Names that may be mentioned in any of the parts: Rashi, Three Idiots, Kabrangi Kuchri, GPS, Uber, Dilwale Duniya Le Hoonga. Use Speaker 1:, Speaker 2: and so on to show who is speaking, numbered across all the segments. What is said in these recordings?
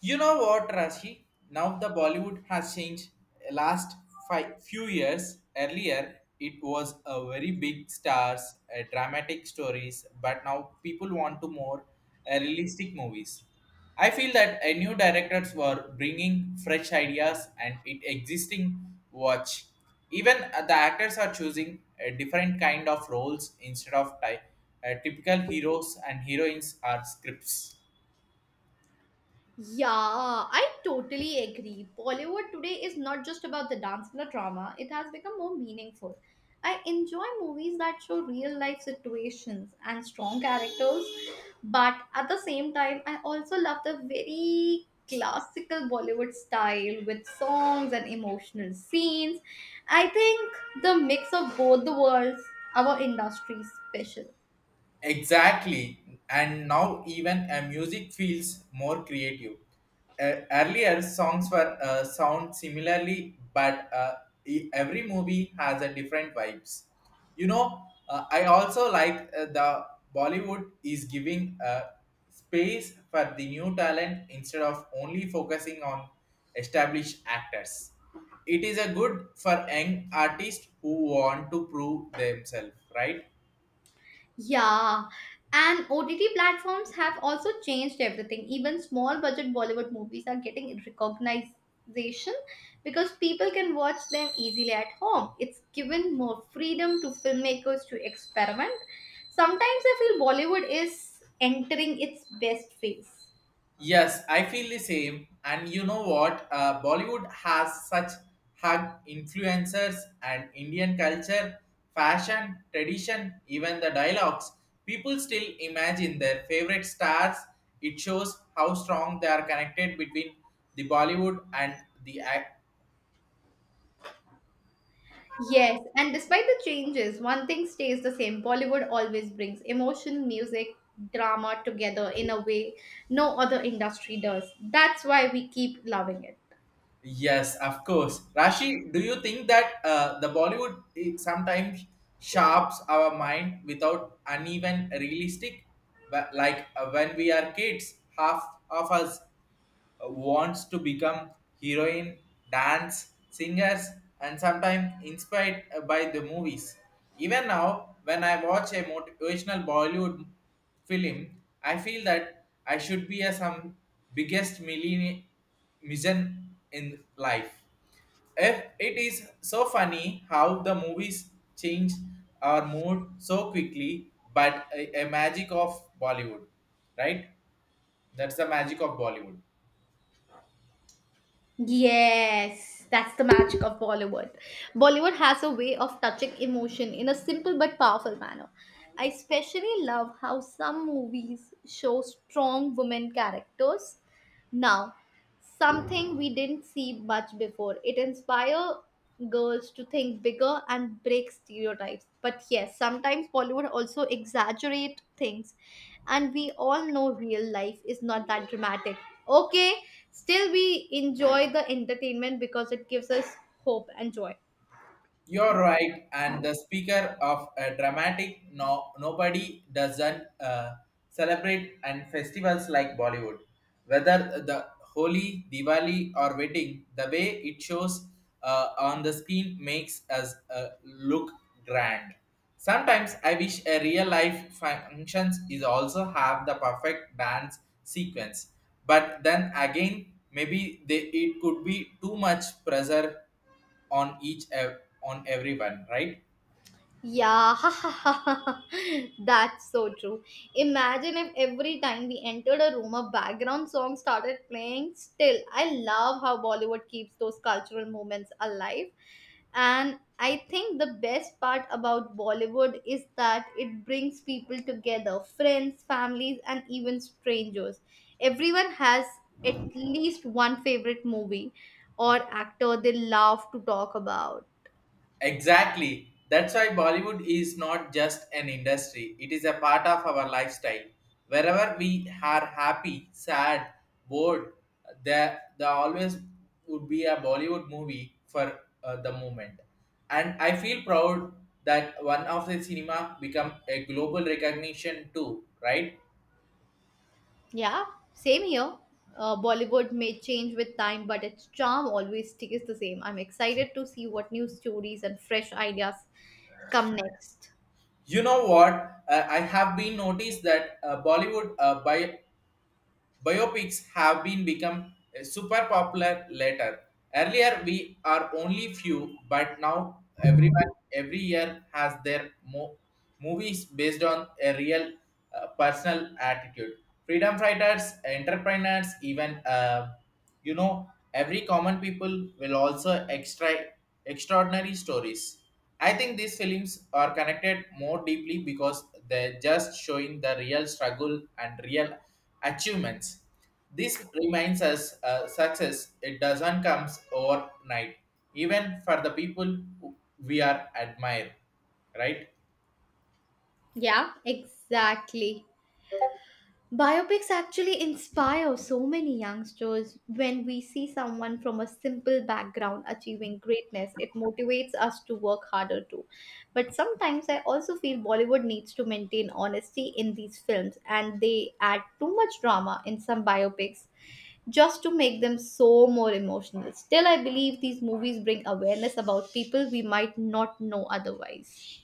Speaker 1: You know what, Rashi? Now the Bollywood has changed. Last five, few years earlier, it was a very big stars, dramatic stories, but now people want to more realistic movies. I feel that new directors were bringing fresh ideas and it existing watch. Even the actors are choosing a different kind of roles instead of typical heroes and heroines are scripts.
Speaker 2: Yeah, I totally agree. Bollywood today is not just about the dance and the drama, it has become more meaningful. I enjoy movies that show real life situations and strong characters, but at the same time, I also love the very classical Bollywood style with songs and emotional scenes. I think the mix of both the worlds, our industry is special.
Speaker 1: Exactly, and now even a music feels more creative. Earlier songs were sound similarly, but every movie has a different vibes. I also like the Bollywood is giving space for the new talent instead of only focusing on established actors. It is a good for young artists who want to prove themselves, right?
Speaker 2: Yeah, and OTT platforms have also changed everything. Even small budget Bollywood movies are getting recognition because people can watch them easily at home. It's given more freedom to filmmakers to experiment. Sometimes I feel Bollywood is entering its best phase.
Speaker 1: Yes, I feel the same. And you know what? Bollywood has such hug influencers and Indian culture, fashion, tradition, even the dialogues. People still imagine their favorite stars. It shows how strong they are connected between the Bollywood and the ac-
Speaker 2: Yes, and despite the changes, one thing stays the same. Bollywood always brings emotion, music, drama together in a way no other industry does. That's why we keep loving it.
Speaker 1: Yes, of course. Rashi, do you think that the Bollywood sometimes sharps our mind without uneven realistic? Like when we are kids, half of us wants to become heroine, dance, singers, and sometimes inspired by the movies. Even now, when I watch a motivational Bollywood film, I feel that I should be a some biggest millionaire mission in life. If it is so funny how the movies change our mood so quickly, but a magic of Bollywood, right? That's the magic of Bollywood.
Speaker 2: Yes, that's the magic of Bollywood. Bollywood has a way of touching emotion in a simple but powerful manner. I especially love how some movies show strong women characters. Now, something we didn't see much before. It inspires girls to think bigger and break stereotypes. But yes, sometimes Bollywood also exaggerate things and we all know real life is not that dramatic. Okay, still we enjoy the entertainment because it gives us hope and joy.
Speaker 1: You're right, and the speaker of a dramatic no nobody doesn't celebrate and festivals like Bollywood. Whether the Holi, Diwali, or wedding, the way it shows on the screen makes us look grand. Sometimes I wish a real life functions is also have the perfect dance sequence, but then again, maybe they, it could be too much pressure on each on everyone, right?
Speaker 2: Yeah, that's so true. Imagine if every time we entered a room, a background song started playing. Still, I love how Bollywood keeps those cultural moments alive. And I think the best part about Bollywood is that it brings people together friends, families, and even strangers. Everyone has at least one favorite movie or actor they love to talk about.
Speaker 1: Exactly. That's why Bollywood is not just an industry, it is a part of our lifestyle. Wherever we are happy, sad, bored, there always would be a Bollywood movie for the moment. And I feel proud that one of the cinema become a global recognition too, right?
Speaker 2: Yeah, same here. Bollywood may change with time, but its charm always stays the same. I'm excited to see what new stories and fresh ideas come next.
Speaker 1: You know what? I have been noticed that Bollywood by Biopics have been become super popular later. Earlier, we are only few, but now everyone every year has their movies based on a real personal attitude. Freedom fighters, entrepreneurs, even. Every common people will also extraordinary stories. I think these films are connected more deeply because they're just showing the real struggle and real achievements. This reminds us success it doesn't come overnight, even for the people who we are admire, right?
Speaker 2: Yeah, exactly. Biopics actually inspire so many youngsters. When we see someone from a simple background achieving greatness, it motivates us to work harder too. But sometimes I also feel Bollywood needs to maintain honesty in these films, and they add too much drama in some biopics just to make them so more emotional. Still, I believe these movies bring awareness about people we might not know otherwise.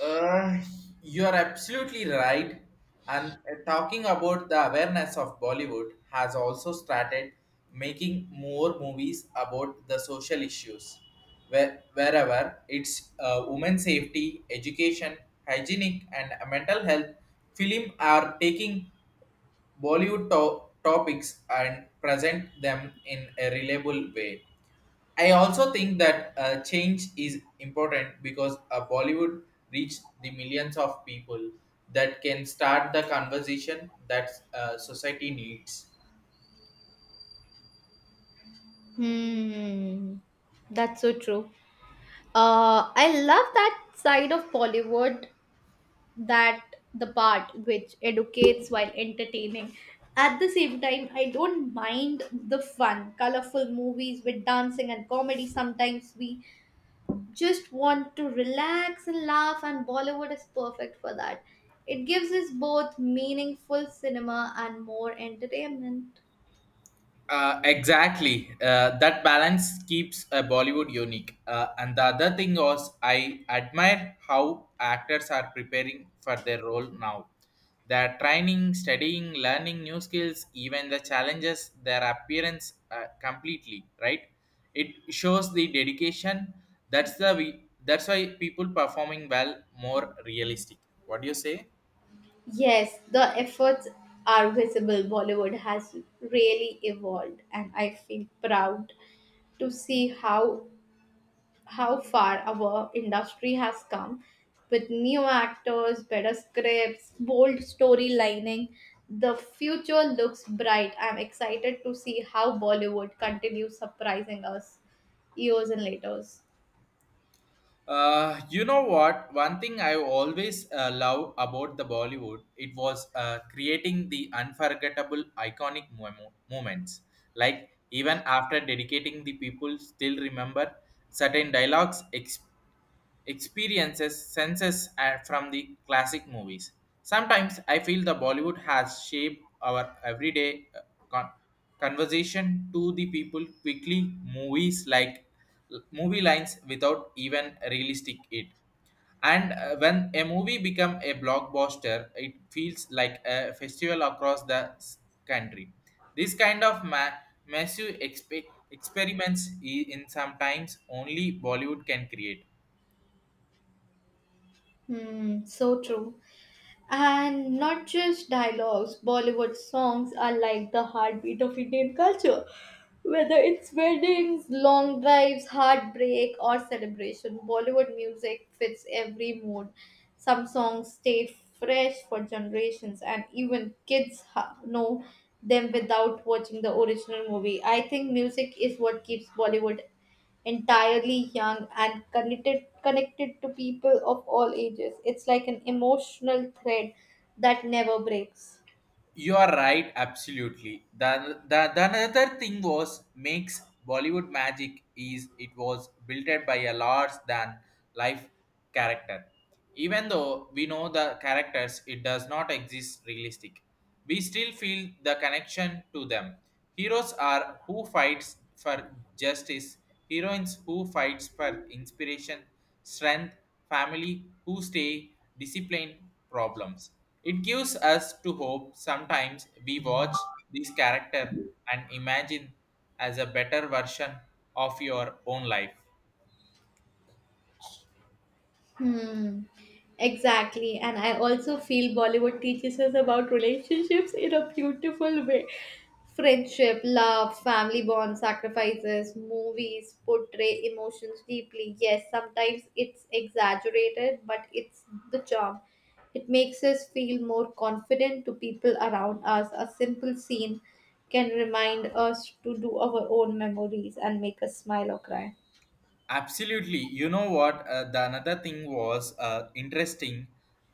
Speaker 1: Uh, you are absolutely right. And talking about the awareness of Bollywood has also started making more movies about the social issues, wherever it's women safety, education, hygienic, and mental health. Film are taking Bollywood topics and present them in a reliable way. I also think that change is important because Bollywood reached the millions of people that can start the conversation that society needs.
Speaker 2: Hmm, that's so true. I love that side of Bollywood that the part which educates while entertaining. At the same time, I don't mind the fun, colorful movies with dancing and comedy. Sometimes we just want to relax and laugh, and Bollywood is perfect for that. It gives us both meaningful cinema and more entertainment.
Speaker 1: Exactly. That balance keeps Bollywood unique. And the other thing was, I admire how actors are preparing for their role now. They're training, studying, learning new skills, even the challenges, their appearance completely, right? It shows the dedication. That's the we. That's why people performing well more realistic. What do you say?
Speaker 2: Yes, the efforts are visible. Bollywood has really evolved, and I feel proud to see how far our industry has come with new actors, better scripts, bold storylining. The future looks bright. I'm excited to see how Bollywood continues surprising us years and later.
Speaker 1: You know what? One thing I always love about the Bollywood, it was creating the unforgettable, iconic moments. Like even after dedicating, the people still remember certain dialogues, experiences senses from the classic movies. Sometimes I feel the Bollywood has shaped our everyday con- conversation to the people quickly. Movies like movie lines without even realistic it. And when a movie become a blockbuster, it feels like a festival across the country. This kind of massive experiments in sometimes only Bollywood can create.
Speaker 2: Hmm, so true. And not just dialogues, Bollywood songs are like the heartbeat of Indian culture. Whether it's weddings, long drives, heartbreak, or celebration, Bollywood music fits every mood. Some songs stay fresh for generations, and even kids know them without watching the original movie. I think music is what keeps Bollywood entirely young and connected to people of all ages. It's like an emotional thread that never breaks.
Speaker 1: You are right, absolutely. The another thing was makes Bollywood magic is it was built by a large than life character. Even though we know the characters, it does not exist realistic. We still feel the connection to them. Heroes are who fights for justice, heroines who fights for inspiration, strength, family who stay disciplined problems. It gives us to hope sometimes we watch this character and imagine as a better version of your own life.
Speaker 2: Hmm. Exactly. And I also feel Bollywood teaches us about relationships in a beautiful way. Friendship, love, family bonds, sacrifices, movies portray emotions deeply. Yes, sometimes it's exaggerated, but it's the charm. It makes us feel more confident to people around us. A simple scene can remind us to do our own memories and make us smile or cry.
Speaker 1: Absolutely. You know what? The another thing was interesting.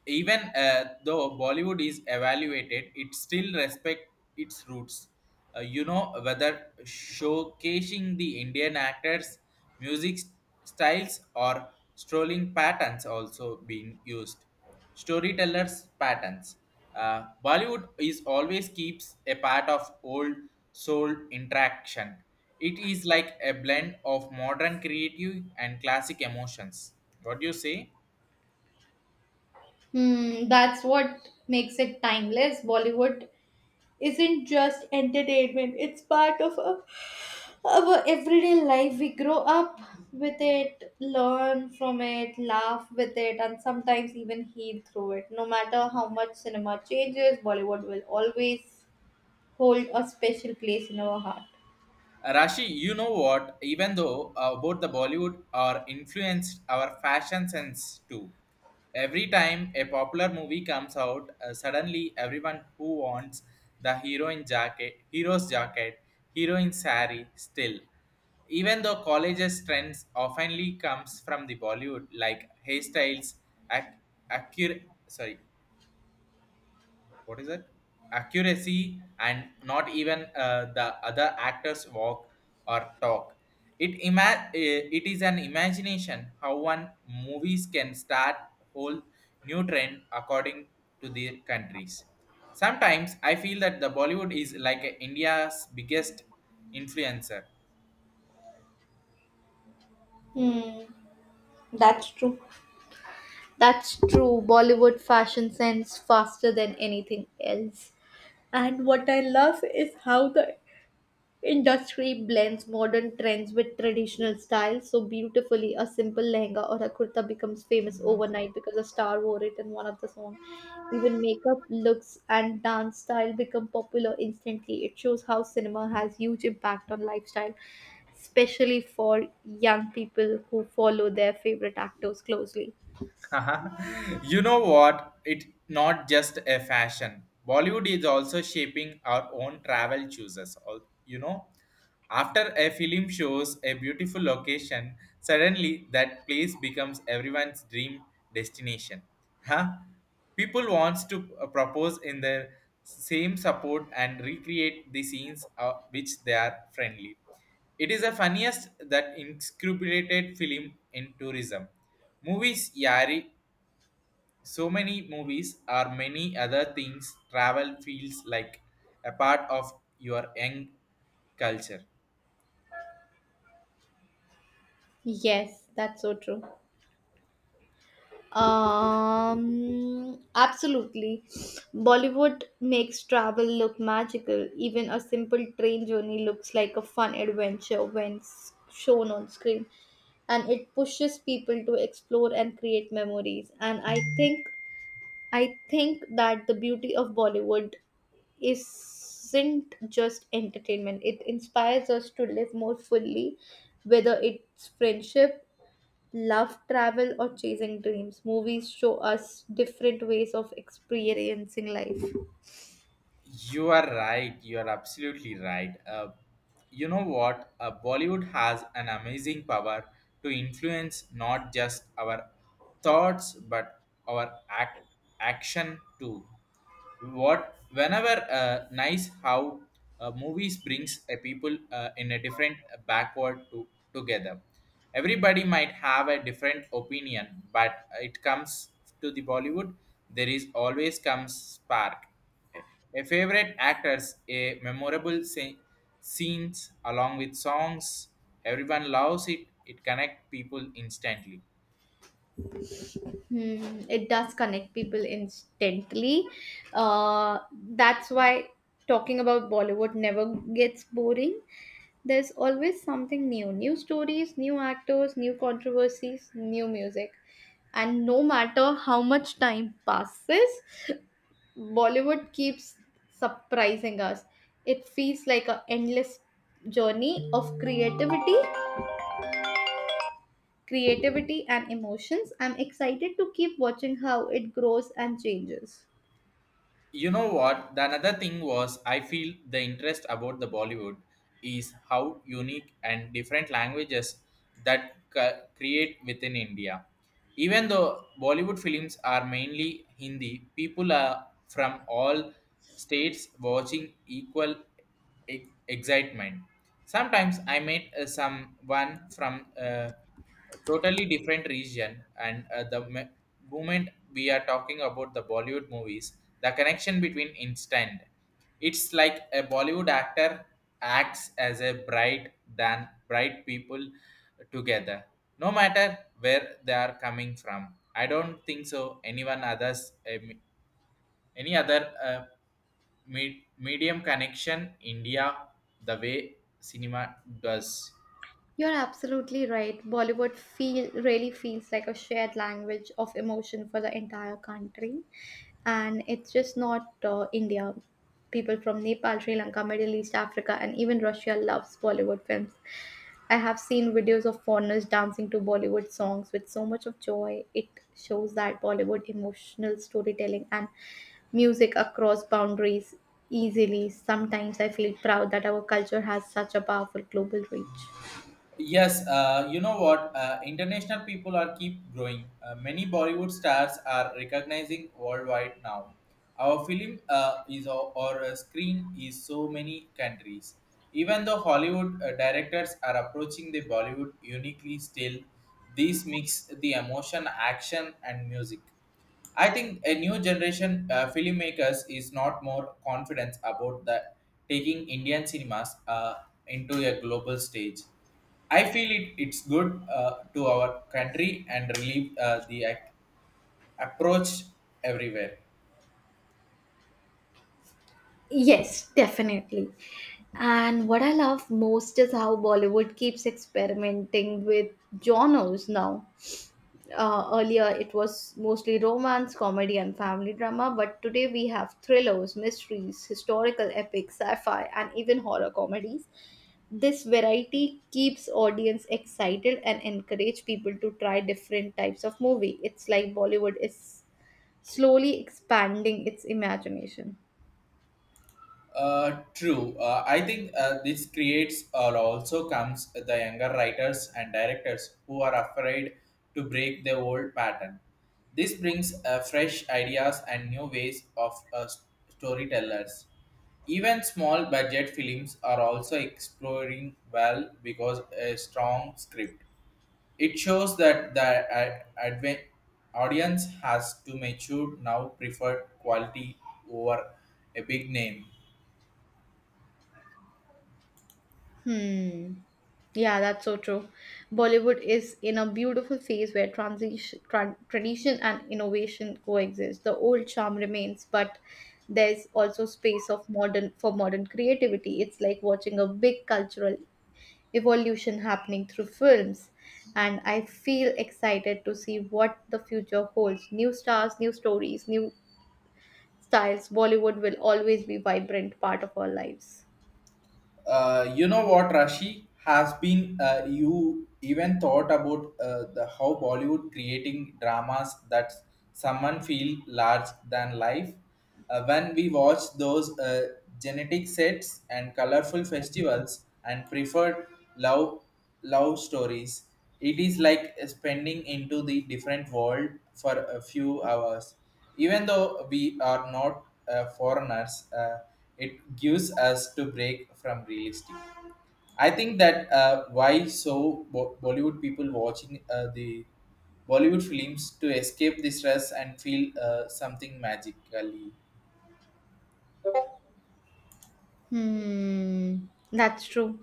Speaker 1: Even though Bollywood is evaluated, it still respect its roots. You know whether showcasing the Indian actors, music styles, or strolling patterns also being used. Storytellers patterns. Bollywood is always keeps a part of old soul interaction. It is like a blend of modern creative and classic emotions. What do you say?
Speaker 2: Hmm, that's what makes it timeless. Bollywood isn't just entertainment, it's part of our our everyday life. We grow up with it, learn from it, laugh with it, and sometimes even heal through it. No matter how much cinema changes, Bollywood will always hold a special place in our heart.
Speaker 1: Rashi, you know what? Even though both the Bollywood are influenced our fashion sense too. Every time a popular movie comes out, suddenly everyone who wants the heroine jacket, hero's jacket, heroine sari still. Even though colleges trends oftenly comes from the Bollywood, like hairstyles, ac- accurate, sorry, what is it accuracy and not even the other actors walk or talk it it is an imagination how one movies can start whole new trend according to their countries. Sometimes I feel that the Bollywood is like a India's biggest influencer.
Speaker 2: Hmm, that's true. That's true. Bollywood fashion sense faster than anything else. And what I love is how the Industry blends modern trends with traditional styles so beautifully. A simple lehenga or a kurta becomes famous overnight because a star wore it in one of the song. Even makeup, looks, and dance style become popular instantly. It shows how cinema has huge impact on lifestyle, especially for young people who follow their favorite actors closely.
Speaker 1: You know what? It's not just a fashion. Bollywood is also shaping our own travel choices. You know, after a film shows a beautiful location, suddenly that place becomes everyone's dream destination. Huh? People wants to propose in their same support and recreate the scenes which they are friendly. It is the funniest that incorporated film in tourism. Movies, Yari, so many movies or many other things travel feels like a part of your young culture.
Speaker 2: Yes, that's so true. Absolutely. Bollywood makes travel look magical. Even a simple train journey looks like a fun adventure when shown on screen, and it pushes people to explore and create memories. And I think that the beauty of Bollywood isn't just entertainment. It inspires us to live more fully, whether it's friendship, love, travel, or chasing dreams, movies show us different ways of experiencing life.
Speaker 1: You are right. You are absolutely right. You know what? Bollywood has an amazing power to influence not just our thoughts but our action too. What whenever nice how movies brings a people in a different backward to together. Everybody might have a different opinion, but it comes to the Bollywood. There is always comes spark a favorite actors, a memorable scenes along with songs, everyone loves it. It connect people instantly.
Speaker 2: Hmm, it does connect people instantly. Uh, that's why talking about Bollywood never gets boring. There's always something new new stories, new actors, new controversies, new music. And no matter how much time passes, Bollywood keeps surprising us. It feels like an endless journey of creativity, creativity and emotions. I'm excited to keep watching how it grows and changes.
Speaker 1: You know what, the another thing was I feel the interest about the Bollywood is how unique and different languages that create within India. Even though Bollywood films are mainly Hindi, people are from all states watching equal excitement. Sometimes I met someone from totally different region, and moment we are talking about the Bollywood movies, the connection between instant. It's like a Bollywood actor acts as a bright than bright people together, no matter where they are coming from. I don't think so anyone others any other medium connection India the way cinema does.
Speaker 2: You're absolutely right. Bollywood feel really feels like a shared language of emotion for the entire country, and it's just not India. People from Nepal, Sri Lanka, Middle East, Africa, and even Russia loves Bollywood films. I have seen videos of foreigners dancing to Bollywood songs with so much of joy. It shows that Bollywood emotional storytelling and music across boundaries easily. Sometimes I feel proud that our culture has such a powerful global reach.
Speaker 1: Yes, you know what? International people are keep growing. Many Bollywood stars are recognizing worldwide now. Our film is or screen is so many countries. Even though Hollywood directors are approaching the Bollywood uniquely, still this mix the emotion, action, and music. I think a new generation filmmakers is not more confident about the taking Indian cinemas into a global stage. I feel it, it's good to our country and relieve approach everywhere.
Speaker 2: Yes, definitely. And what I love most is how Bollywood keeps experimenting with genres now. Earlier, it was mostly romance, comedy, and family drama, but today we have thrillers, mysteries, historical epics, sci fi, and even horror comedies. This variety keeps audience excited and encourage people to try different types of movie. It's like Bollywood is slowly expanding its imagination.
Speaker 1: True. I think this creates or also comes the younger writers and directors who are afraid to break the old pattern. This brings fresh ideas and new ways of storytellers. Even small budget films are also exploring well because a strong script. It shows that the audience has to mature now prefer quality over a big name.
Speaker 2: Yeah, that's so true. Bollywood is in a beautiful phase where transition, tran tradition and innovation coexist. The old charm remains, but there's also space of modern for modern creativity. It's like watching a big cultural evolution happening through films, and I feel excited to see what the future holds. New stars, new stories, new styles. Bollywood will always be vibrant part of our lives.
Speaker 1: You know what, Rashi has been. You even thought about the how Bollywood creating dramas that someone feel large than life. When we watch those genetic sets and colorful festivals and preferred love love stories, it is like spending into the different world for a few hours. Even though we are not foreigners, it gives us to break from realistic. I think that why so Bollywood people watching the Bollywood films to escape the stress and feel something magically.
Speaker 2: Hmm, that's true.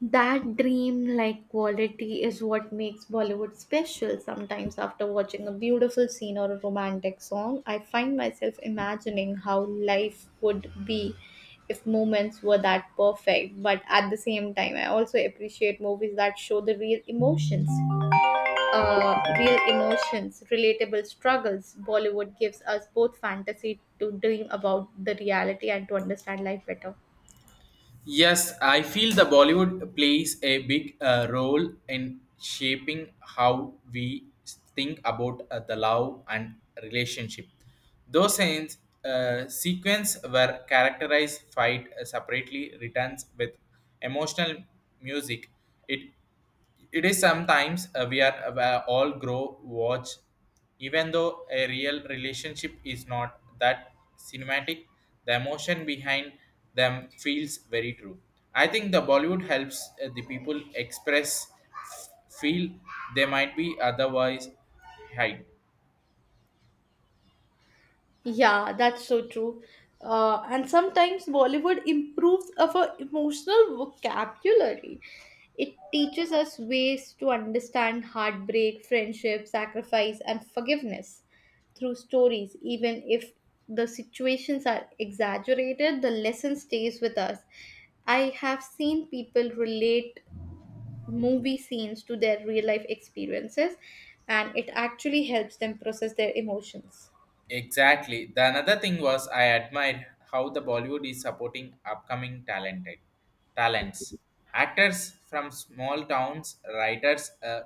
Speaker 2: That dream like quality is what makes Bollywood special. Sometimes, after watching a beautiful scene or a romantic song, I find myself imagining how life would be if moments were that perfect. But at the same time, I also appreciate movies that show the real emotions, relatable struggles. Bollywood gives us both fantasy to dream about the reality and to understand life better.
Speaker 1: Yes, I feel the Bollywood plays a big role in shaping how we think about the love and relationship. Those scenes, sequence were characterized fight separately returns with emotional music. It it is sometimes we are all grow watch, even though a real relationship is not that cinematic. The emotion behind them feels very true. I think the Bollywood helps the people express feel they might be otherwise hide.
Speaker 2: Yeah, that's so true. And sometimes Bollywood improves our emotional vocabulary. It teaches us ways to understand heartbreak, friendship, sacrifice, and forgiveness through stories. Even if the situations are exaggerated, the lesson stays with us. I have seen people relate movie scenes to their real life experiences, and it actually helps them process their emotions.
Speaker 1: Exactly. The another thing was I admired how the Bollywood is supporting upcoming talented talents, actors from small towns, writers,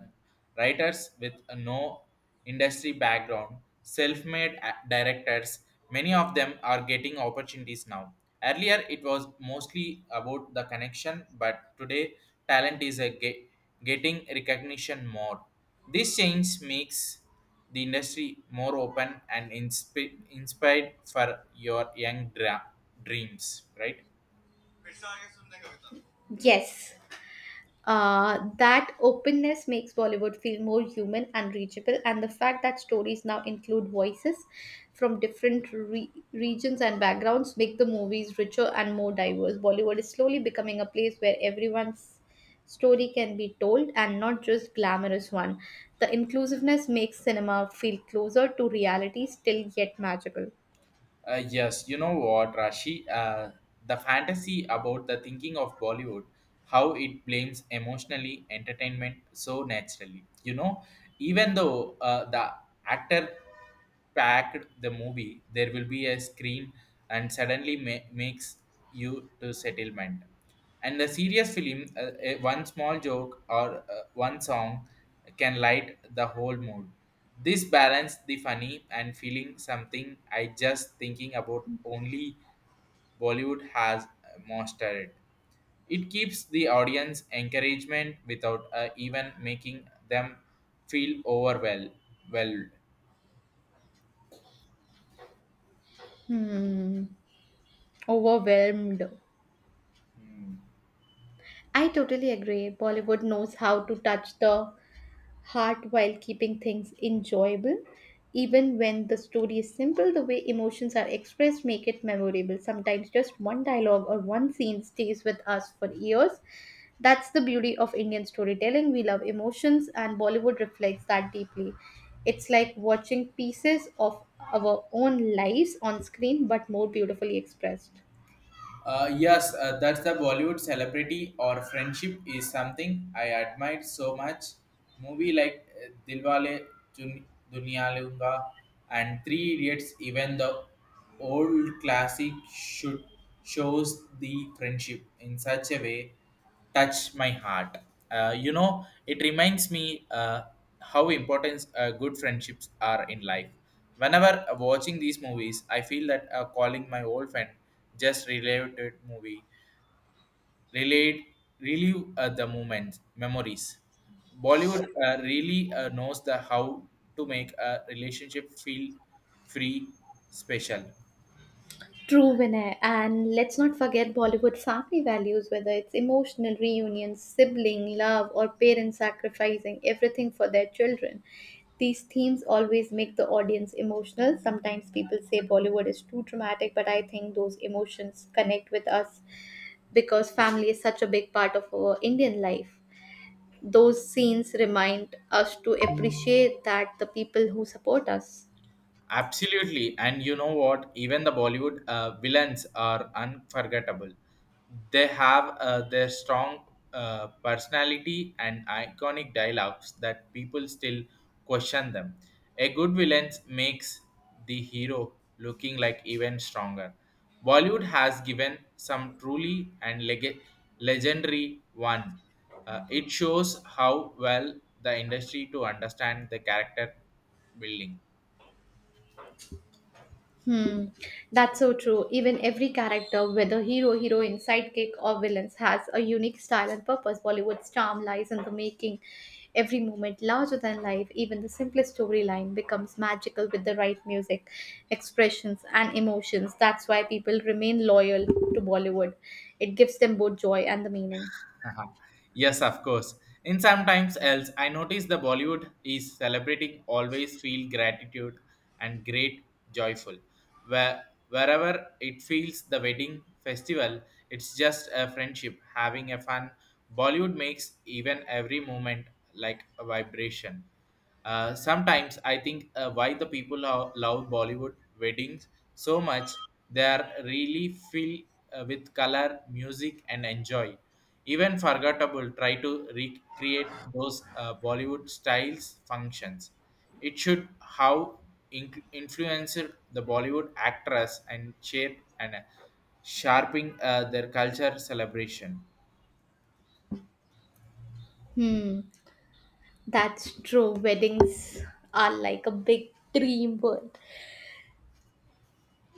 Speaker 1: writers with no industry background, self-made directors. Many of them are getting opportunities now. Earlier, it was mostly about the connection, but today, talent is getting recognition more. This change makes the industry more open and inspired for your young dreams, right?
Speaker 2: Yes, that openness makes Bollywood feel more human and reachable, and the fact that stories now include voices from different regions and backgrounds make the movies richer and more diverse. Bollywood is slowly becoming a place where everyone's story can be told and not just glamorous one. The inclusiveness makes cinema feel closer to reality, still yet magical.
Speaker 1: Yes, you know what, Rashi? The fantasy about the thinking of Bollywood, how it blames emotionally entertainment so naturally. You know, even though the actor packed the movie, there will be a screen and suddenly makes you to settlement. And the serious film, one small joke or one song can light the whole mood. This balance the funny and feeling something I just thinking about only Bollywood has mastered. It keeps the audience encouragement without even making them feel overwhelmed. Well.
Speaker 2: Hmm, overwhelmed. I totally agree. Bollywood knows how to touch the heart while keeping things enjoyable. Even when the story is simple, the way emotions are expressed make it memorable. Sometimes just one dialogue or one scene stays with us for years. That's the beauty of Indian storytelling. We love emotions, and Bollywood reflects that deeply. It's like watching pieces of our own lives on screen, but more beautifully expressed.
Speaker 1: Yes, that's a Bollywood celebrity or friendship is something I admire so much. Movie like Dilwale Jun- Duniya Le Hoonga and Three Idiots, even the old classic, should shows the friendship in such a way touch my heart. You know, it reminds me how important good friendships are in life. Whenever watching these movies, I feel that calling my old friend just related movie, relate, relive the moments, memories. Bollywood really knows the how to make a relationship feel free, special.
Speaker 2: True, Vinay. And let's not forget Bollywood family values, whether it's emotional reunions, sibling love, or parents sacrificing everything for their children. These themes always make the audience emotional. Sometimes people say Bollywood is too dramatic, but I think those emotions connect with us because family is such a big part of our Indian life. Those scenes remind us to appreciate that the people who support us.
Speaker 1: Absolutely, and you know what? Even the Bollywood villains are unforgettable. They have their strong personality and iconic dialogues that people still question them. A good villain makes the hero looking like even stronger. Bollywood has given some truly and legendary one. It shows how well the industry to understand the character building.
Speaker 2: Hmm, that's so true. Even every character, whether hero, heroine, sidekick, or villains, has a unique style and purpose. Bollywood's charm lies in the making. Every moment larger than life, even the simplest storyline becomes magical with the right music, expressions, and emotions. That's why people remain loyal to Bollywood. It gives them both joy and the meaning.
Speaker 1: Haha. Yes, of course. In sometimes else, I notice the Bollywood is celebrating always feel gratitude and great joyful. Where Wherever it feels the wedding festival, it's just a friendship having a fun. Bollywood makes even every moment like a vibration. Sometimes I think why the people love Bollywood weddings so much. They are really filled with color, music, and enjoy. Even forgettable try to recreate those Bollywood styles functions. It should how influenced the Bollywood actress and shape and sharpening their culture celebration.
Speaker 2: Hmm, that's true. Weddings are like a big dream world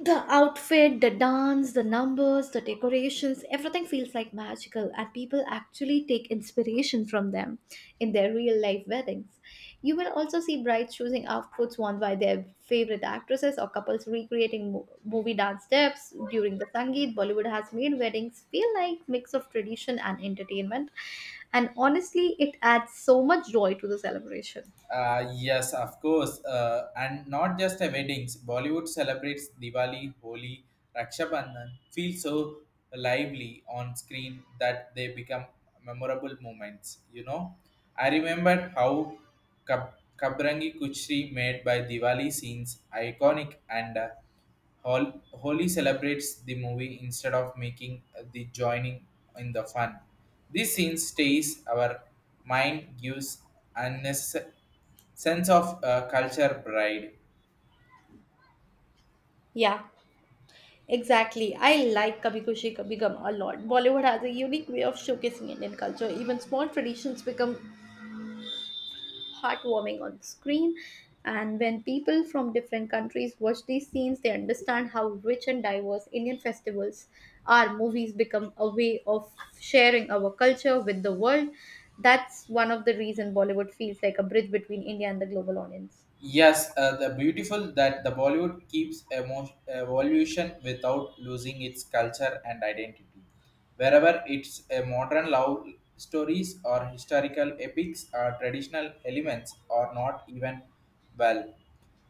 Speaker 2: the outfit the dance the numbers the decorations everything feels like magical and people actually take inspiration from them in their real life weddings you will also see brides choosing outfits worn by their favorite actresses or couples recreating movie dance steps during the sangeet bollywood has made weddings feel like mix of tradition and entertainment and honestly it adds so much joy to the celebration
Speaker 1: Yes, of course. And not just a weddings. Bollywood celebrates Diwali, Holi, Raksha Bandhan feel so lively on screen that they become memorable moments. You know, I remember how Kab- Kabrangi Kuchri made by Diwali scenes iconic and Holi celebrates the movie instead of making the joining in the fun. This scene stays our mind gives unnecessary sense of culture pride.
Speaker 2: yeah. Exactly. I like Kabhi Khushi Kabhi Gum a lot. Bollywood has a unique way of showcasing Indian culture. Even small traditions become heartwarming on screen. And when people from different countries watch these scenes, they understand how rich and diverse Indian festivals are. Movies become a way of sharing our culture with the world. That's one of the reasons Bollywood feels like a bridge between India and the global audience.
Speaker 1: Yes, the beautiful that the Bollywood keeps evolution without losing its culture and identity. Wherever it's a modern love stories or historical epics or traditional elements are not even well.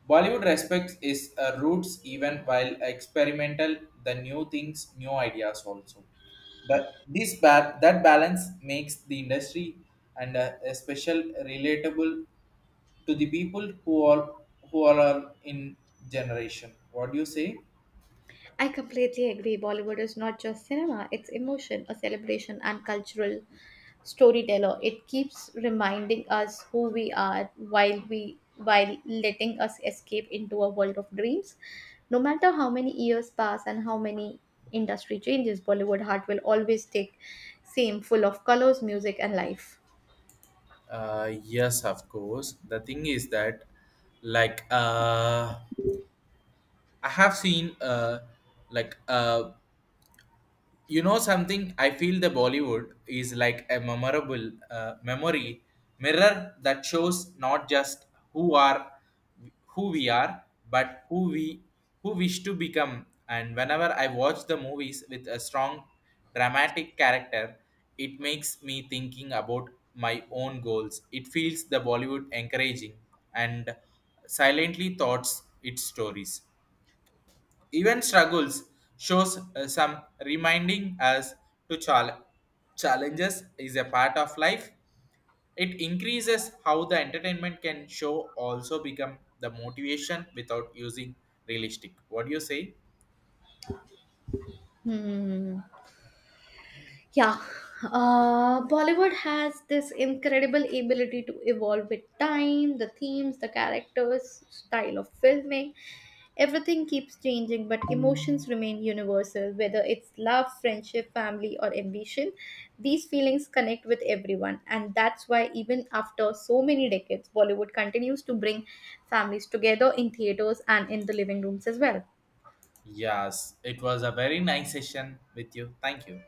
Speaker 1: Bollywood respects its roots even while experimental the new things, new ideas also. But that balance makes the industry and a special relatable to the people who are in generation. What do you say?
Speaker 2: I completely agree. Bollywood is not just cinema, it's emotion, a celebration, and cultural storyteller. It keeps reminding us who we are while letting us escape into a world of dreams. No matter how many years pass and how many industry changes, Bollywood heart will always take same full of colors, music and life.
Speaker 1: Yes, of course. The thing is that, like, uh, I have seen, like, uh, you know something, I feel the Bollywood is like a memorable memory mirror that shows not just who are who we are but who wish to become. And whenever I watch the movies with a strong dramatic character, it makes me thinking about my own goals. It feels the Bollywood encouraging and silently thoughts its stories, even struggles shows some reminding us to challenges is a part of life. It increases how the entertainment can show also become the motivation without using realistic. What do you say?
Speaker 2: Hmm. Yeah, Bollywood has this incredible ability to evolve with time, the themes, the characters, style of filming. Everything keeps changing, but emotions remain universal, whether it's love, friendship, family, or ambition. These feelings connect with everyone, and that's why, even after so many decades, Bollywood continues to bring families together in theaters and in the living rooms as well.
Speaker 1: Yes, it was a very nice session with you. Thank you.